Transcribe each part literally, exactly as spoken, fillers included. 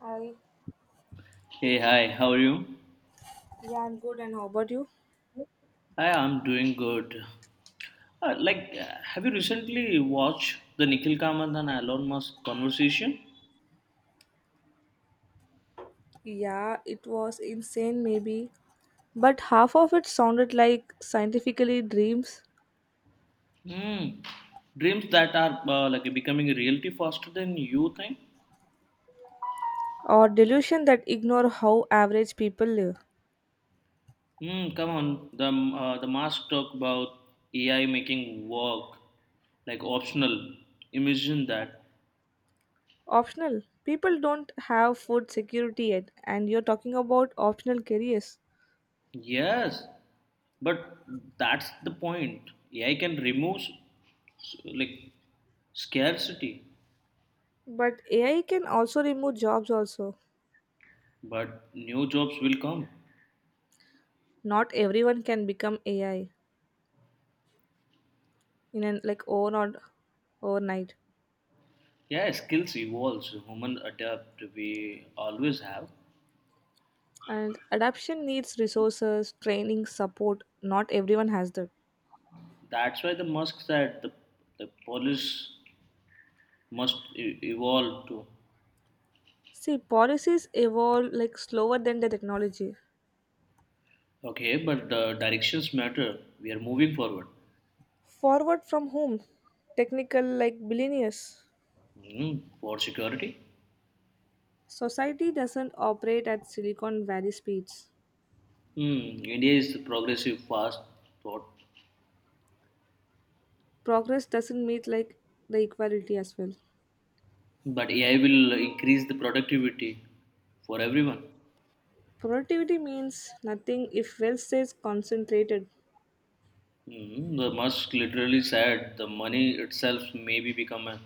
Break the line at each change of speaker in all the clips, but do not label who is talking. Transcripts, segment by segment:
Hi,
Hey, hi, how are you?
yeah, I'm good. And how about you?
Hi, I'm doing good. Uh, like, uh, have you recently watched the Nikhil Kamath and Elon Musk conversation?
Yeah, it was insane, maybe, but half of it sounded like scientifically dreams
Hmm. Dreams that are uh, like becoming a reality faster than you think.
or delusion that ignore how average people live.
Hmm. Come on, the uh, the Musk talk about A I making work like optional. Imagine that.
Optional. People don't have food security yet, and you're talking about optional careers.
Yes, but that's the point. A I can remove s- like scarcity.
But A I can also remove jobs. Also,
But new jobs will come.
not everyone can become A I in an like over or overnight.
Yeah, skills evolves. Human adapt. We always have.
And adaptation needs resources, training, support. Not everyone has that.
That's why the Musk said the the police must e- evolve too.
See, policies evolve like slower than the technology.
Okay, but the directions matter. We are moving forward.
Forward from whom? Technical like billionaires.
Hmm, for security,
Society doesn't operate at Silicon Valley speeds.
hmm, India is progressive, fast, thought.
Progress doesn't meet like the equality as well.
But A I will increase the productivity for everyone.
Productivity means nothing if wealth stays concentrated.
Hmm, the Musk literally said the money itself may be become a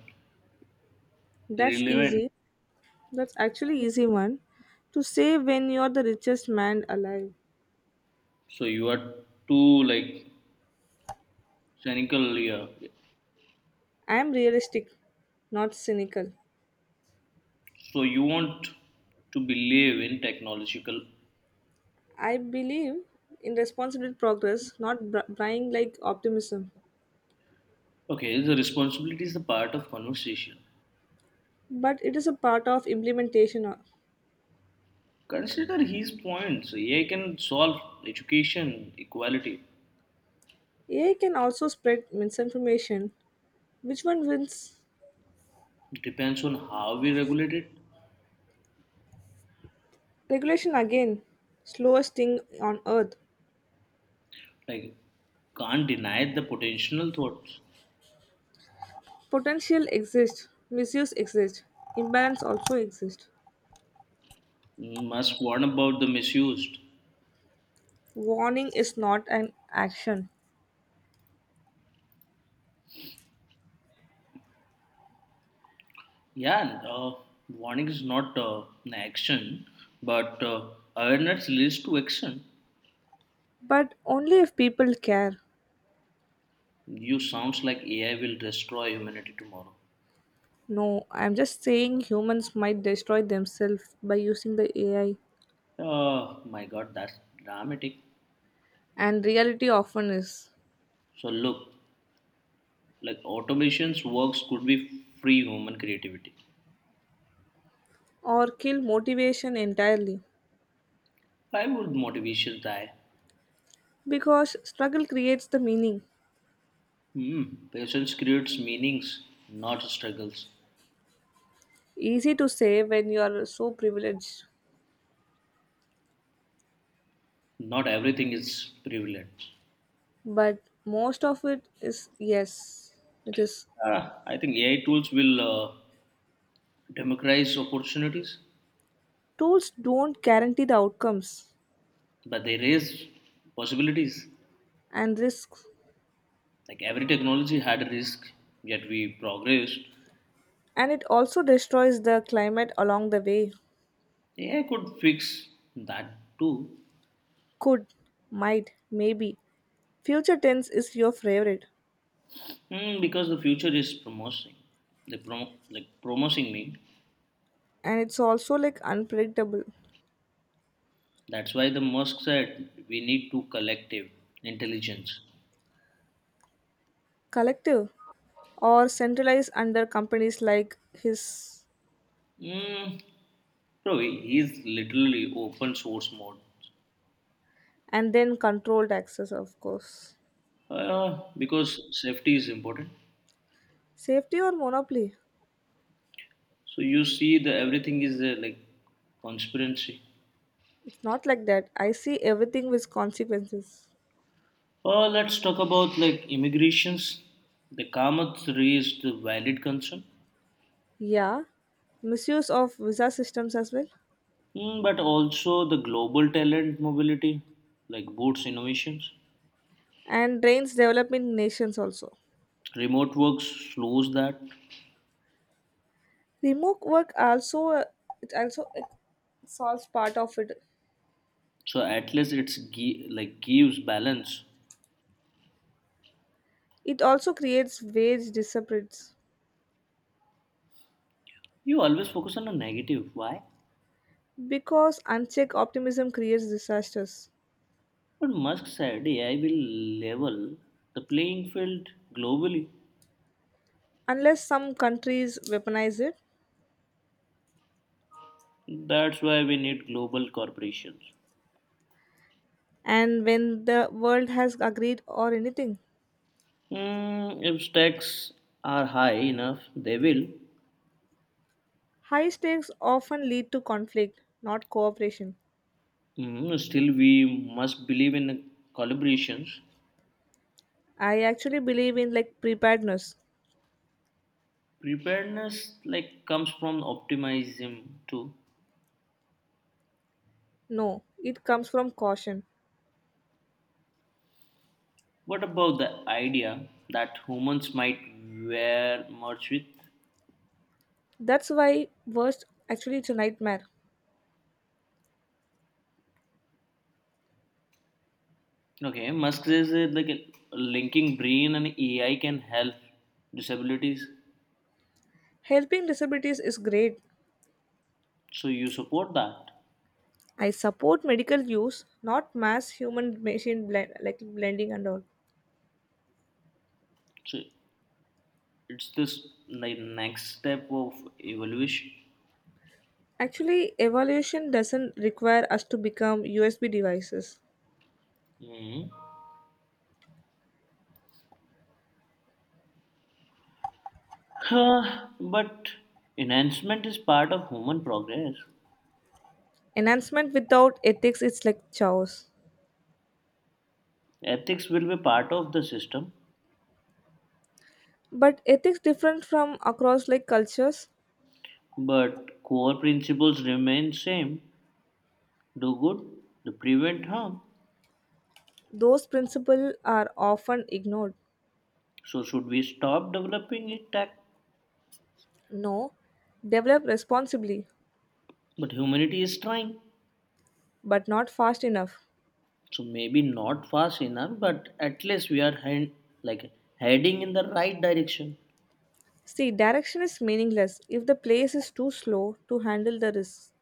That's
relevant.
easy. That's actually easy one to say when you're the richest man alive.
So you are too like cynical here.
I'm realistic, not cynical.
So you want to believe in technological.
I believe in responsible progress, not br- buying like optimism,
Okay, the responsibility is the part of conversation.
but it is a part of implementation.
Consider his points. A I can solve education equality.
A I can also spread misinformation. Which one wins?
Depends on how we regulate it.
Regulation again. Slowest thing on earth.
Like can't deny the potential thoughts.
Potential exists, misuse exists, imbalance also exists.
Must warn about the misused.
Warning is not an action,
Yeah, uh, warning is not uh, an action, but uh, awareness leads to action.
but only if people care.
You sounds like A I will destroy humanity tomorrow.
No, I'm just saying humans might destroy themselves by using the A I.
Oh my God, that's dramatic.
And reality often is,
So look, like automation's works could be free human creativity.
or kill motivation entirely.
Why would motivation die?
Because struggle creates the meaning.
Hmm, patience creates meanings, not struggles.
Easy to say when you are so privileged,
Not everything is prevalent.
but most of it is yes. It is
Ah, I think A I tools will uh, democratize opportunities,
tools don't guarantee the outcomes
but they raise possibilities.
and risks,
Like every technology had a risk, yet we progressed.
and it also destroys the climate along the way.
A I could fix that too.
Could, might, maybe. Future tense is your favorite,
Hmm, because the future is promising. They prom- like promising me.
and it's also like unpredictable.
That's why the Musk said we need to collective intelligence.
Collective or centralized under companies like his,
Hmm, bro, he- he's literally open source mode.
and then controlled access, of course.
Uh, because safety is important.
Safety or monopoly.
So you see, the everything is uh, like conspiracy.
It's not like that, I see everything with consequences.
Uh, let's talk about like immigrations. The Kamath raised a valid concern.
Yeah, misuse of visa systems as well,
Mm, but also the global talent mobility, like boots innovations.
and drains developing nations also.
Remote work slows that.
Remote work also, uh, it also it solves part of it.
So at least it's gi- like gives balance.
It also creates wage disparities
You always focus on the negative. Why?
because unchecked optimism creates disasters,
But Musk said A I will level the playing field globally.
unless some countries weaponize it.
That's why we need global corporations.
And when the world has agreed or anything.
Mm, if stakes are high enough, they will.
High stakes often lead to conflict, not cooperation.
Mm, still, we must believe in collaborations.
I actually believe in like preparedness.
Preparedness like comes from optimism too.
No, it comes from caution.
What about the idea that humans might wear merch with?
That's why worst, actually, it's a nightmare.
Okay, Musk says that like uh, linking brain and A I can help disabilities.
Helping disabilities is great.
So you support that.
I support medical use, not mass human machine blend, like blending and all.
So it's this like next step of evolution.
Actually, evolution doesn't require us to become U S B devices.
Mhm. Huh, but enhancement is part of human progress.
Enhancement without ethics is like chaos.
Ethics will be part of the system.
But ethics different from across like cultures,
But core principles remain same. Do good, to prevent harm.
those principles are often ignored.
So should we stop developing it tech?
No, develop responsibly,
But humanity is trying.
but not fast enough.
So maybe not fast enough, but at least we are hand, like heading in the right direction.
See, direction is meaningless if the place is too slow to handle the risks.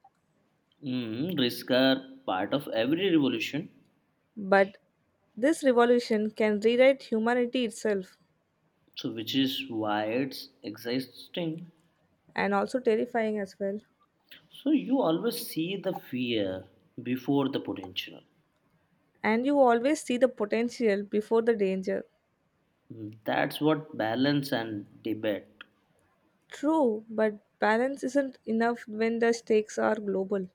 Mm, risks are part of every revolution,
But this revolution can rewrite humanity itself,
so which is why it's existing.
and also terrifying as well.
So you always see the fear before the potential.
And you always see the potential before the danger.
Mm, that's what balance and debate.
True, but balance isn't enough when the stakes are global.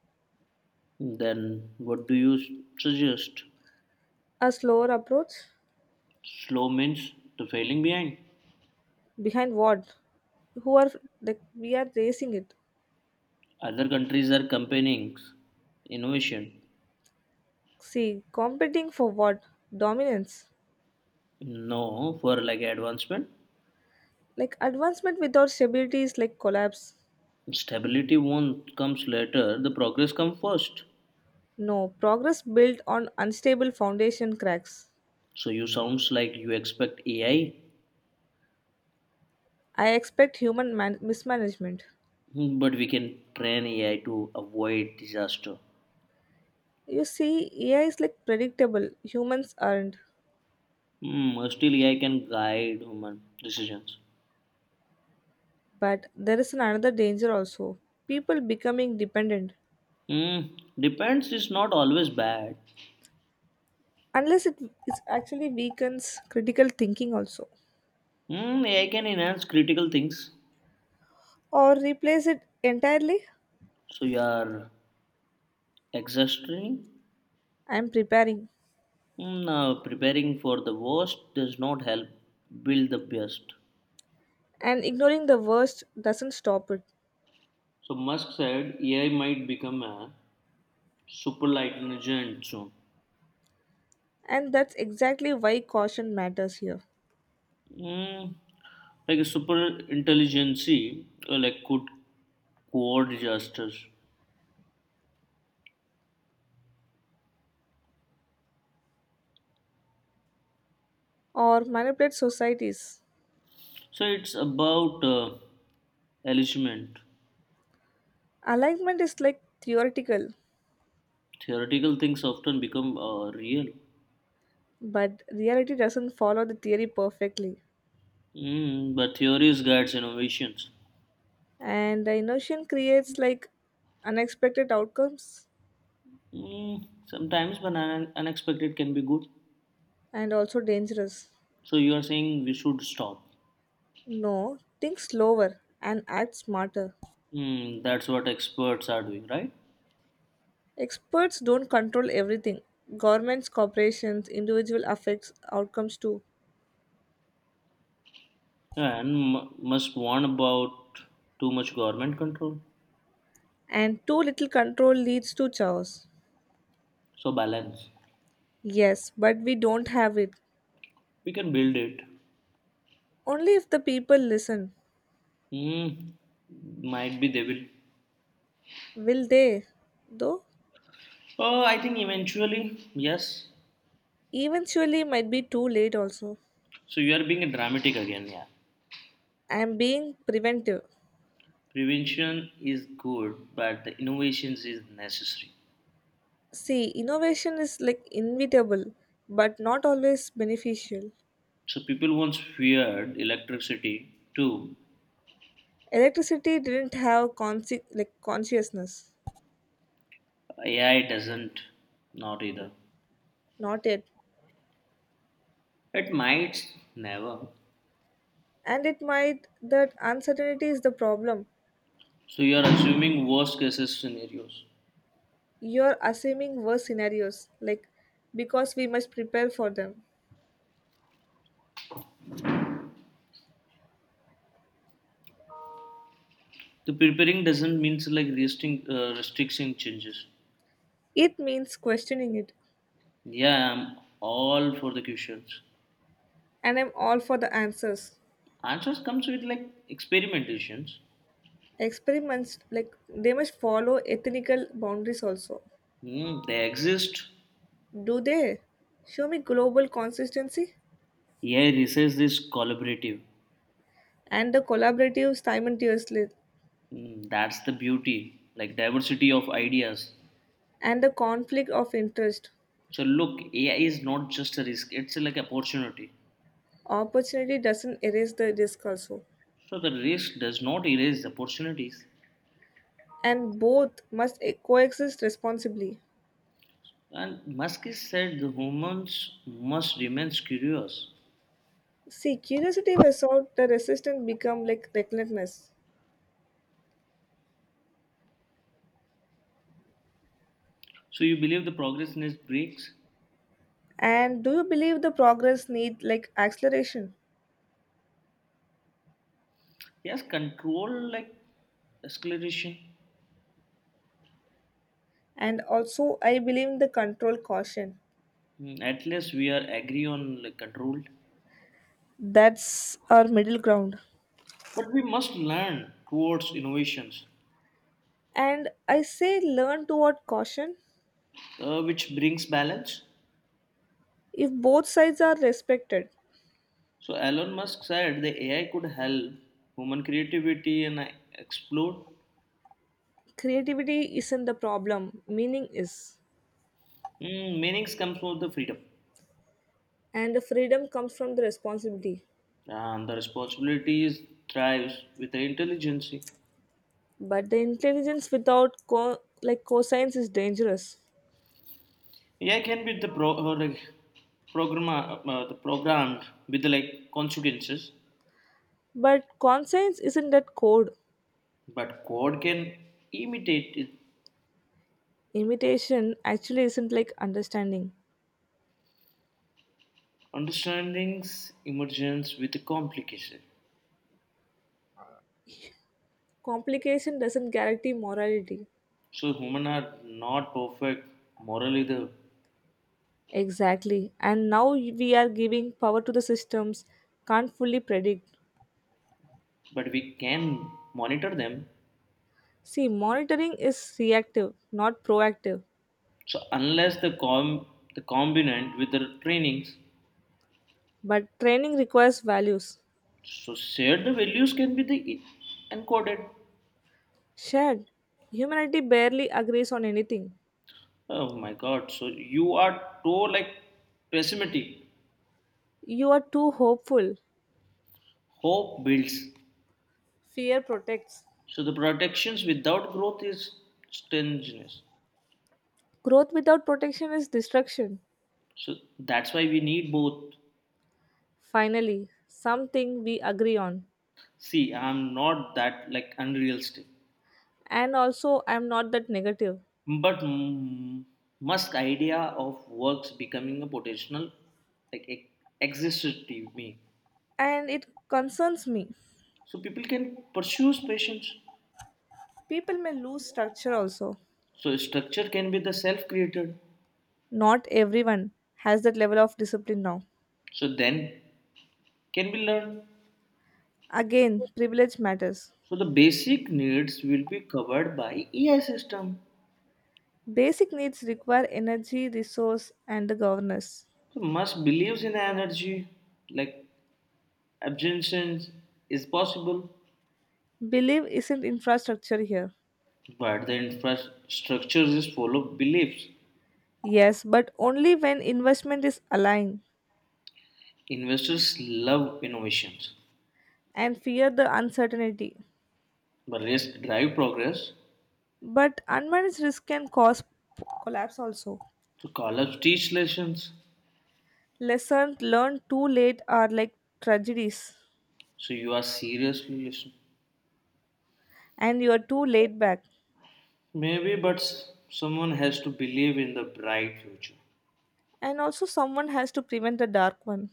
Then what do you s- suggest?
A slower approach?
Slow means the failing behind.
Behind what? Who are, like, we are racing it?
Other countries are campaigning innovation.
See, competing for what? Dominance.
No, for like advancement.
Like advancement without stability is like collapse.
Stability won't comes later. The progress comes first.
No, progress built on unstable foundation cracks.
So you sounds like you expect A I,
I expect human man- mismanagement.
but we can train A I to avoid disaster.
You see, A I is like predictable, humans aren't.
Hmm, still A I can guide human decisions.
But there is another danger also, people becoming dependent.
Hmm, depends is not always bad.
Unless it it actually weakens critical thinking also,
Hmm, A I can enhance critical things.
or replace it entirely.
So yeah, exhausting?
I'm preparing,
Mm, uh, preparing for the worst does not help build the best.
and ignoring the worst doesn't stop it.
So Musk said A I might become a super intelligent soon.
And that's exactly why caution matters here,
Mm, like a super intelligence, uh, like could quad disasters.
or manipulate societies.
So it's about uh, alignment.
Alignment is like theoretical,
Theoretical things often become uh, real.
but reality doesn't follow the theory perfectly.
Mm, but theories guides innovations.
And the inertia creates like unexpected outcomes,
Mm, sometimes, but un- unexpected can be good.
and also dangerous.
So you are saying we should stop.
No, think slower and act smarter.
Hmm, that's what experts are doing, right?
Experts don't control everything. Governments, corporations, individual affects outcomes too.
Yeah, and m- must warn about too much government control.
And too little control leads to chaos.
So balance.
Yes, but we don't have it.
We can build it.
Only if the people listen.
Hmm, might be they will.
Will they? Though
Oh, I think eventually, yes.
eventually might be too late also.
So you are being dramatic again, yeah.
I am being preventive.
Prevention is good, but the innovations is necessary.
See, innovation is like inevitable, but not always beneficial.
So people once feared electricity too.
Electricity didn't have consi- like consciousness.
A I doesn't, not either.
Not yet.
It might never.
And it might, that uncertainty is the problem.
So you are assuming worst cases scenarios.
You're assuming worse scenarios, like, because we must prepare for them.
The preparing doesn't means like resting, uh, restriction changes.
It means questioning it.
Yeah, I'm all for the questions.
And I'm all for the answers.
Answers comes with like experimentations.
Experiments, like, they must follow ethical boundaries also.
Hmm, they exist.
Do they? Show me global consistency
Yeah, research is collaborative.
and the collaborative simultaneously
Hmm, that's the beauty, like diversity of ideas.
and the conflict of interest.
So look, A I is not just a risk; it's like opportunity.
Opportunity doesn't erase the risk also.
So the risk does not erase the opportunities.
And both must e- coexist responsibly.
And Musk is said the humans must remain curious.
See, curiosity without the resistance become like recklessness.
So you believe the progress needs breaks?
And do you believe the progress need like acceleration?
Yes, control like acceleration.
And also, I believe in the control caution.
Mm, at least we are agree on like controlled.
That's our middle ground.
But we must learn towards innovations,
And I say learn toward caution.
uh, which brings balance.
If both sides are respected,
So Elon Musk said the A I could help human creativity and uh, explore.
creativity isn't the problem. Meaning is,
Mm, meanings comes from the freedom,
and the freedom comes from the responsibility.
and the responsibilities thrives with the intelligence.
But the intelligence without co- like coscience is dangerous.
A I can be the pro or like program uh, the programmed with the like consequences.
But conscience isn't that code.
But code can imitate it.
Imitation actually isn't like understanding.
Understanding's emergence with a complication.
Complication doesn't guarantee morality.
So humans are not perfect moral either,
Exactly. And now we are giving power to the systems, can't fully predict.
but we can monitor them.
See, monitoring is reactive, not proactive.
So unless the com the combinant with the trainings,
But training requires values.
so shared the values can be the e, encoded.
Shared. Humanity barely agrees on anything.
Oh my God! So you are too like pessimistic.
You are too hopeful.
Hope builds.
Fear protects.
So the protections without growth is strangeness.
Growth without protection is destruction.
So that's why we need both.
Finally, something we agree on.
See, I'm not that like unrealistic,
And also, I'm not that negative.
but mm, Musk idea of works becoming a potential like e- exists to me.
And it concerns me.
So people can pursue passions.
People may lose structure also.
So structure can be the self-created.
Not everyone has that level of discipline now.
So then can be learned.
Again, privilege matters.
So the basic needs will be covered by A I system.
Basic needs require energy, resource, and the governance.
So Musk believes in energy, like absorption is possible,
Believe isn't infrastructure here.
but the infrastructure is full of beliefs.
Yes, but only when investment is aligned,
Investors love innovations,
and fear the uncertainty.
but risk drive progress.
But unmanaged risk can cause p- collapse also.
So college teach lessons.
Lessons learned too late are like tragedies,
So you are seriously listening.
and you are too laid back.
Maybe, but s- someone has to believe in the bright future.
And also, someone has to prevent the dark one.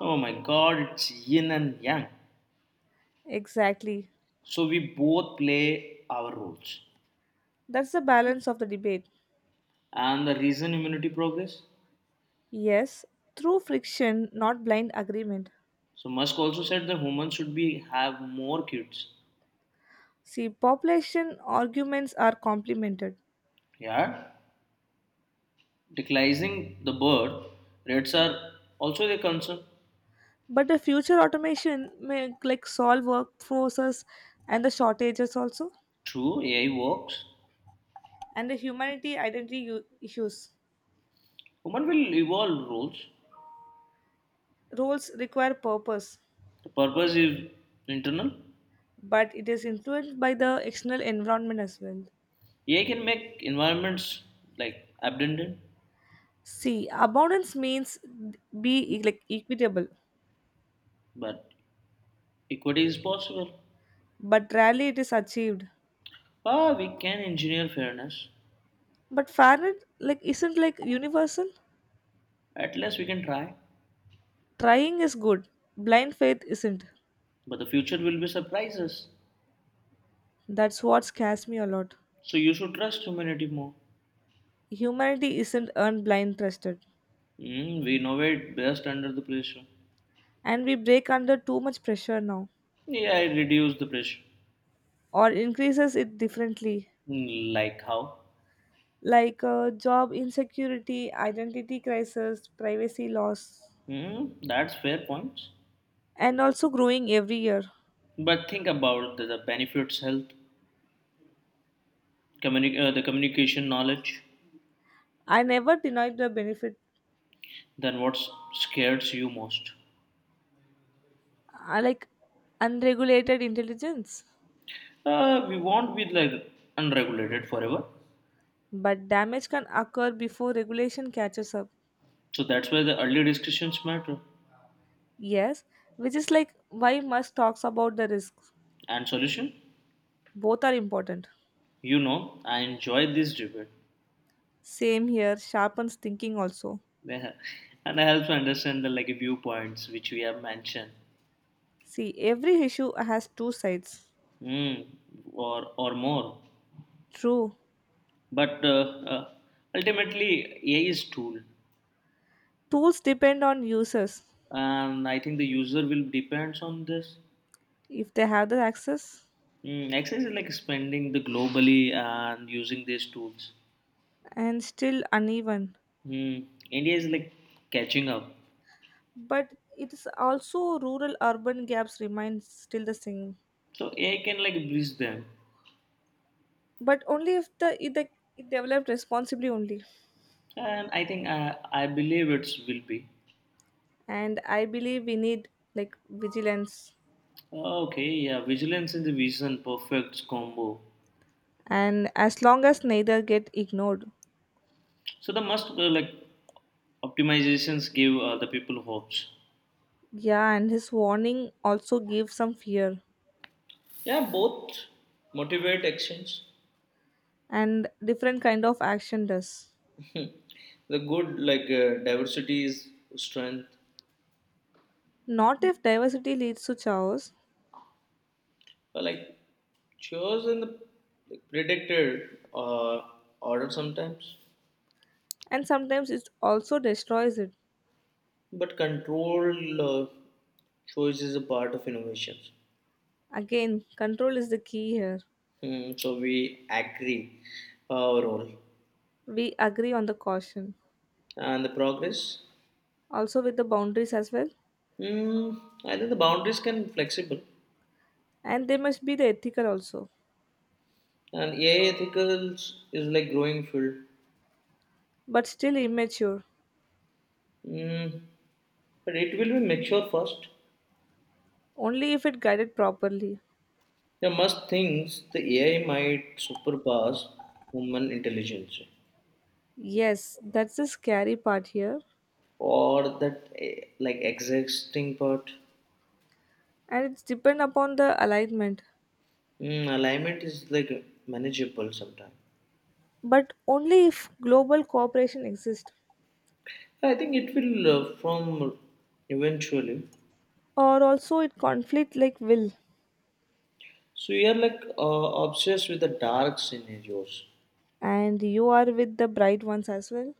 Oh my God, it's yin and yang.
Exactly.
So we both play our roles.
That's the balance of the debate.
And the reason immunity progress.
Yes, through friction, not blind agreement.
So Musk also said that humans should be have more kids.
See, population arguments are complemented,
Yeah, declining the birth rates are also a concern.
but the future automation may like solve workforces and the shortages also,
True, A I works.
and the humanity identity u- issues.
Human will evolve roles.
Roles require purpose,
The purpose is internal.
but it is influenced by the external environment as well.
A I can make environments like abundant,
See, abundance means be like equitable,
but equity is possible.
but rarely it is achieved.
Ah, we can engineer fairness.
But fairness like isn't like universal.
At least we can try.
Trying is good. Blind faith isn't.
But the future will be surprises.
That's what scares me a lot.
So you should trust humanity more.
Humanity isn't earned blind trusted.
Mm, we innovate best under the pressure.
And we break under too much pressure now.
Yeah, A I reduce the pressure.
Or increases it differently.
Mm, like how?
Like uh, job insecurity, identity crisis, privacy loss.
Mm, that's fair points.
And also growing every year.
But think about the, the benefits, health, communi- uh, the communication knowledge.
I never denied the benefit.
Then what scares you most?
I like unregulated intelligence.
Uh, we won't be like unregulated forever.
But damage can occur before regulation catches up.
So that's why the early discussions matter.
Yes, which is like why Musk talks about the risks.
And solution?
Both are important.
You know, I enjoy this debate.
Same here, sharpens thinking also.
And I help to understand the like viewpoints which we have mentioned.
See, every issue has two sides.
Mm, or or more.
True,
But uh, uh, ultimately A I is tool.
tools depend on users
And I think the user will depends on this.
if they have the access,
Mm, exercise is like spending the globally and using these tools.
and still uneven.
Hmm. India is like catching up,
But it is also rural urban gaps remain still the same.
so A I can like bridge them,
But only if the if they it developed responsibly only.
and I think I I believe it will be.
And I believe we need like vigilance,
Oh, okay, yeah, vigilance and the vision, perfect combo.
and as long as neither get ignored.
So the must uh, like optimizations give uh, the people hopes.
Yeah, and his warning also gives some fear,
Yeah, both motivate actions.
and different kind of action does.
The good like uh, diversity is strength.
Not if diversity leads to chaos,
But like chosen the like, predicted uh, order sometimes.
and sometimes it also destroys it.
But control uh, choice is a part of innovation.
Again, control is the key here.
Hmm, so we agree our role
We agree on the caution,
and the progress.
also with the boundaries as well.
Hmm, I think the boundaries can be flexible,
And they must be the ethical also,
and A I ethicals is like growing field.
but still immature,
Hmm, but it will be mature first.
only if it guided properly.
There must things the A I might surpass human intelligence
Yes, that's the scary part here,
or that eh, like existing part.
and it's depend upon the alignment.
Hmm, alignment is like manageable sometimes.
But only if global cooperation exists,
I think it will uh, form eventually.
or also it conflict like will.
So you are like uh, obsessed with the dark scenarios.
And you are with the bright ones as well.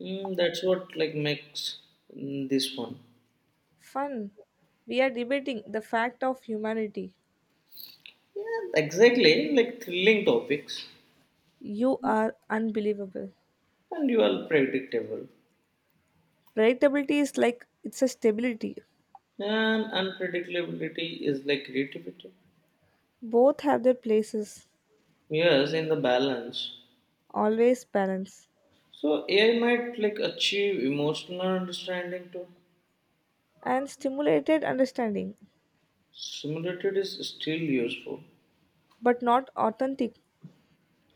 Mm, that's what like makes mm, this one.
Fun. We are debating the fact of humanity.
Yeah, exactly. Like thrilling topics,
You are unbelievable.
and you are predictable.
Predictability is like it's a stability.
And unpredictability is like creativity.
Both have their places.
Yes, in the balance.
Always balance
So A I might like achieve emotional understanding too.
and stimulated understanding,
Simulated is still useful.
but not authentic.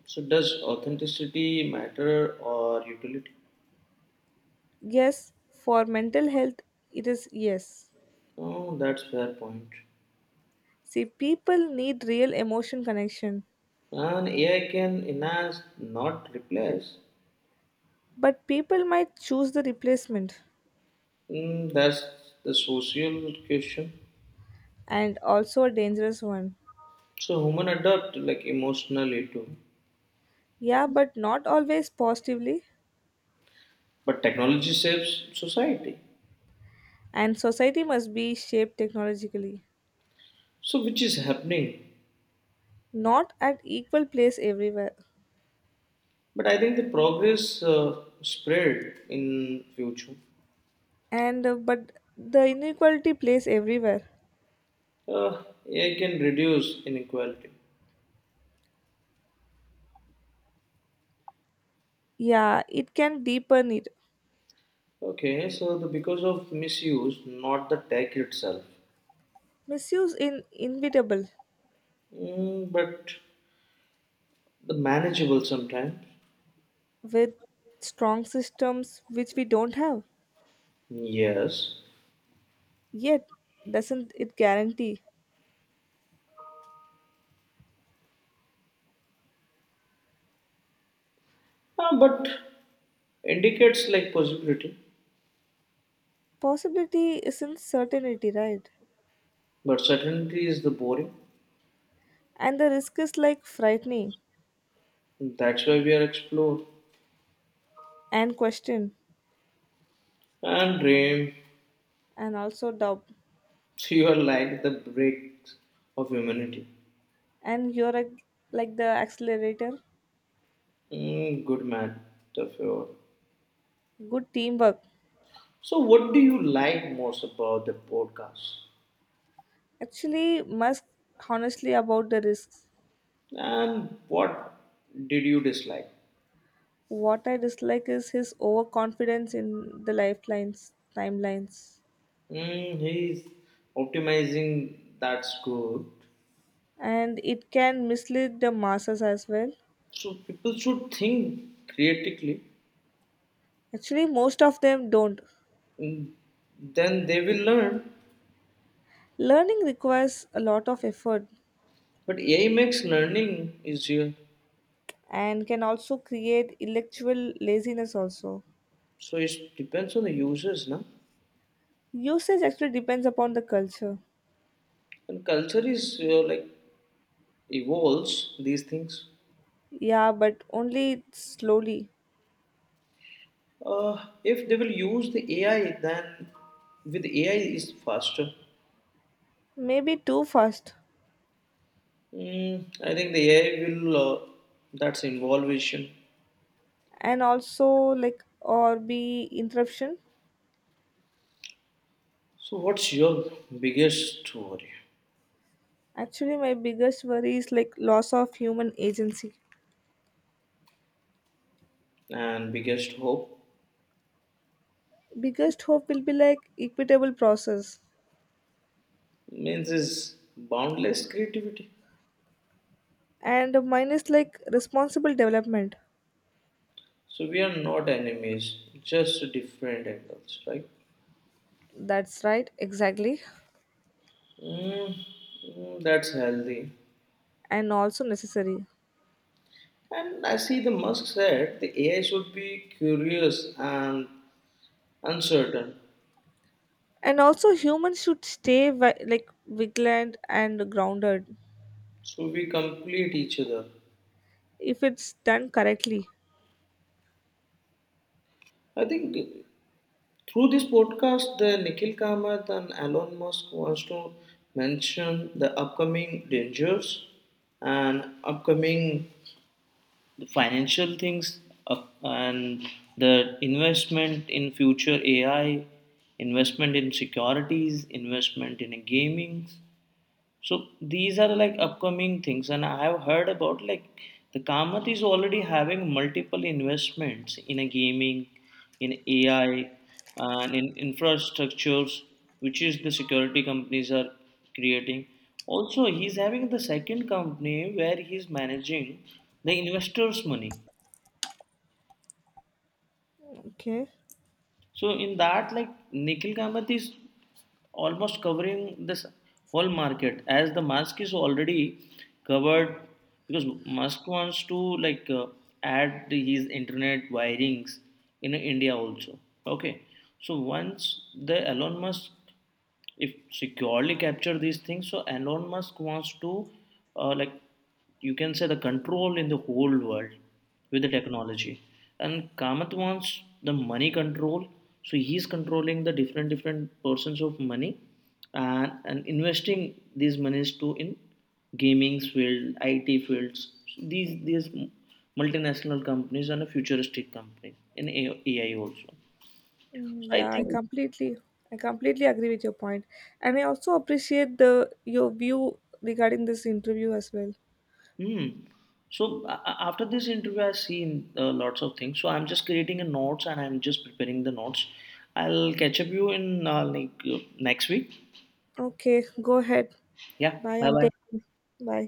So does authenticity matter or utility?
Yes, for mental health, it is yes.
Oh, that's fair point.
See, people need real emotion connection,
And A I can enhance, not replace.
but people might choose the replacement,
Mm, that's the social question.
and also a dangerous one.
So human adapt like emotionally too,
Yeah, but not always positively.
but technology saves society.
And society must be shaped technologically,
So which is happening.
not at equal place everywhere.
But I think the progress uh, spread in future.
And uh, but the inequality plays everywhere.
Uh, A I can reduce inequality.
Yeah, it can deepen it.
Okay, so the because of misuse, not the tech itself.
Misuse in inevitable
Mm, but the manageable sometimes.
with strong systems which we don't have.
Yes.
Yet, doesn't it guarantee?
Ah, but indicates like possibility,
Possibility isn't certainty, right?
but certainty is the boring.
And the risk is like frightening,
That's why we are explore
and question,
and dream.
and also doubt.
You are like the bricks of humanity.
And you're a, like the accelerator.
Mm, good man, the fear.
Good teamwork.
So, what do you like most about the podcast,
Actually, Musk honestly about the risks.
and what did you dislike?
What I dislike is his overconfidence in the lifelines, timelines.
Mm, he's optimizing. That's good.
And it can mislead the masses as well.
So people should think critically.
Actually, most of them don't.
Mm, then they will learn.
Learning requires a lot of effort,
But A I makes learning easier.
and can also create intellectual laziness also.
So it depends on the users, na?
Usage actually depends upon the culture.
And culture is uh, like evolves these things.
Yeah, but only slowly,
Uh, if they will use the A I, then with A I is faster.
maybe too fast.
Mm, I think the A I will. Uh, that's involvation.
And also like or be interruption.
So what's your biggest worry
Actually, my biggest worry is like loss of human agency.
and biggest hope?
Biggest hope will be like equitable process,
Means is boundless creativity.
and mine is like responsible development.
So we are not enemies, just different angles, right?
That's right, exactly.
Mm, mm, that's healthy.
And also necessary.
And I see the Musk said the A I should be curious and uncertain,
And also humans should stay vi- like vigilant and grounded,
so we complete each other.
if it's done correctly.
I think through this podcast, the Nikhil Kamath and Elon Musk wants to mention the upcoming dangers and upcoming financial things up, and the investment in future A I, investment in securities, investment in gaming. So these are like upcoming things, and I have heard about like the Kamath is already having multiple investments in a gaming, in A I, and in infrastructures, which is the security companies are creating. Also, he's having the second company where he's managing the investors' money.
Okay.
So in that, like Nikhil Kamath is almost covering this whole market as the Musk is already covered because Musk wants to like uh, add his internet wirings in India also. Okay, so once the Elon Musk if securely capture these things, so Elon Musk wants to uh, like you can say the control in the whole world with the technology, and Kamath wants the money control, so he's controlling the different different portions of money, and, and investing these monies to in gaming field it fields. So these these multinational companies and futuristic companies in A I also,
Mm,
so I
yeah, i
think.
completely i completely agree with your point, and I also appreciate the your view regarding this interview as well.
Hmm. So a- a- after this interview, I've seen uh, lots of things. So I'm just creating a notes and I'm just preparing the notes. I'll catch up you in uh, like uh, next week.
Okay, go ahead.
Yeah.
Bye
Bye
and take
bye.
care. Bye.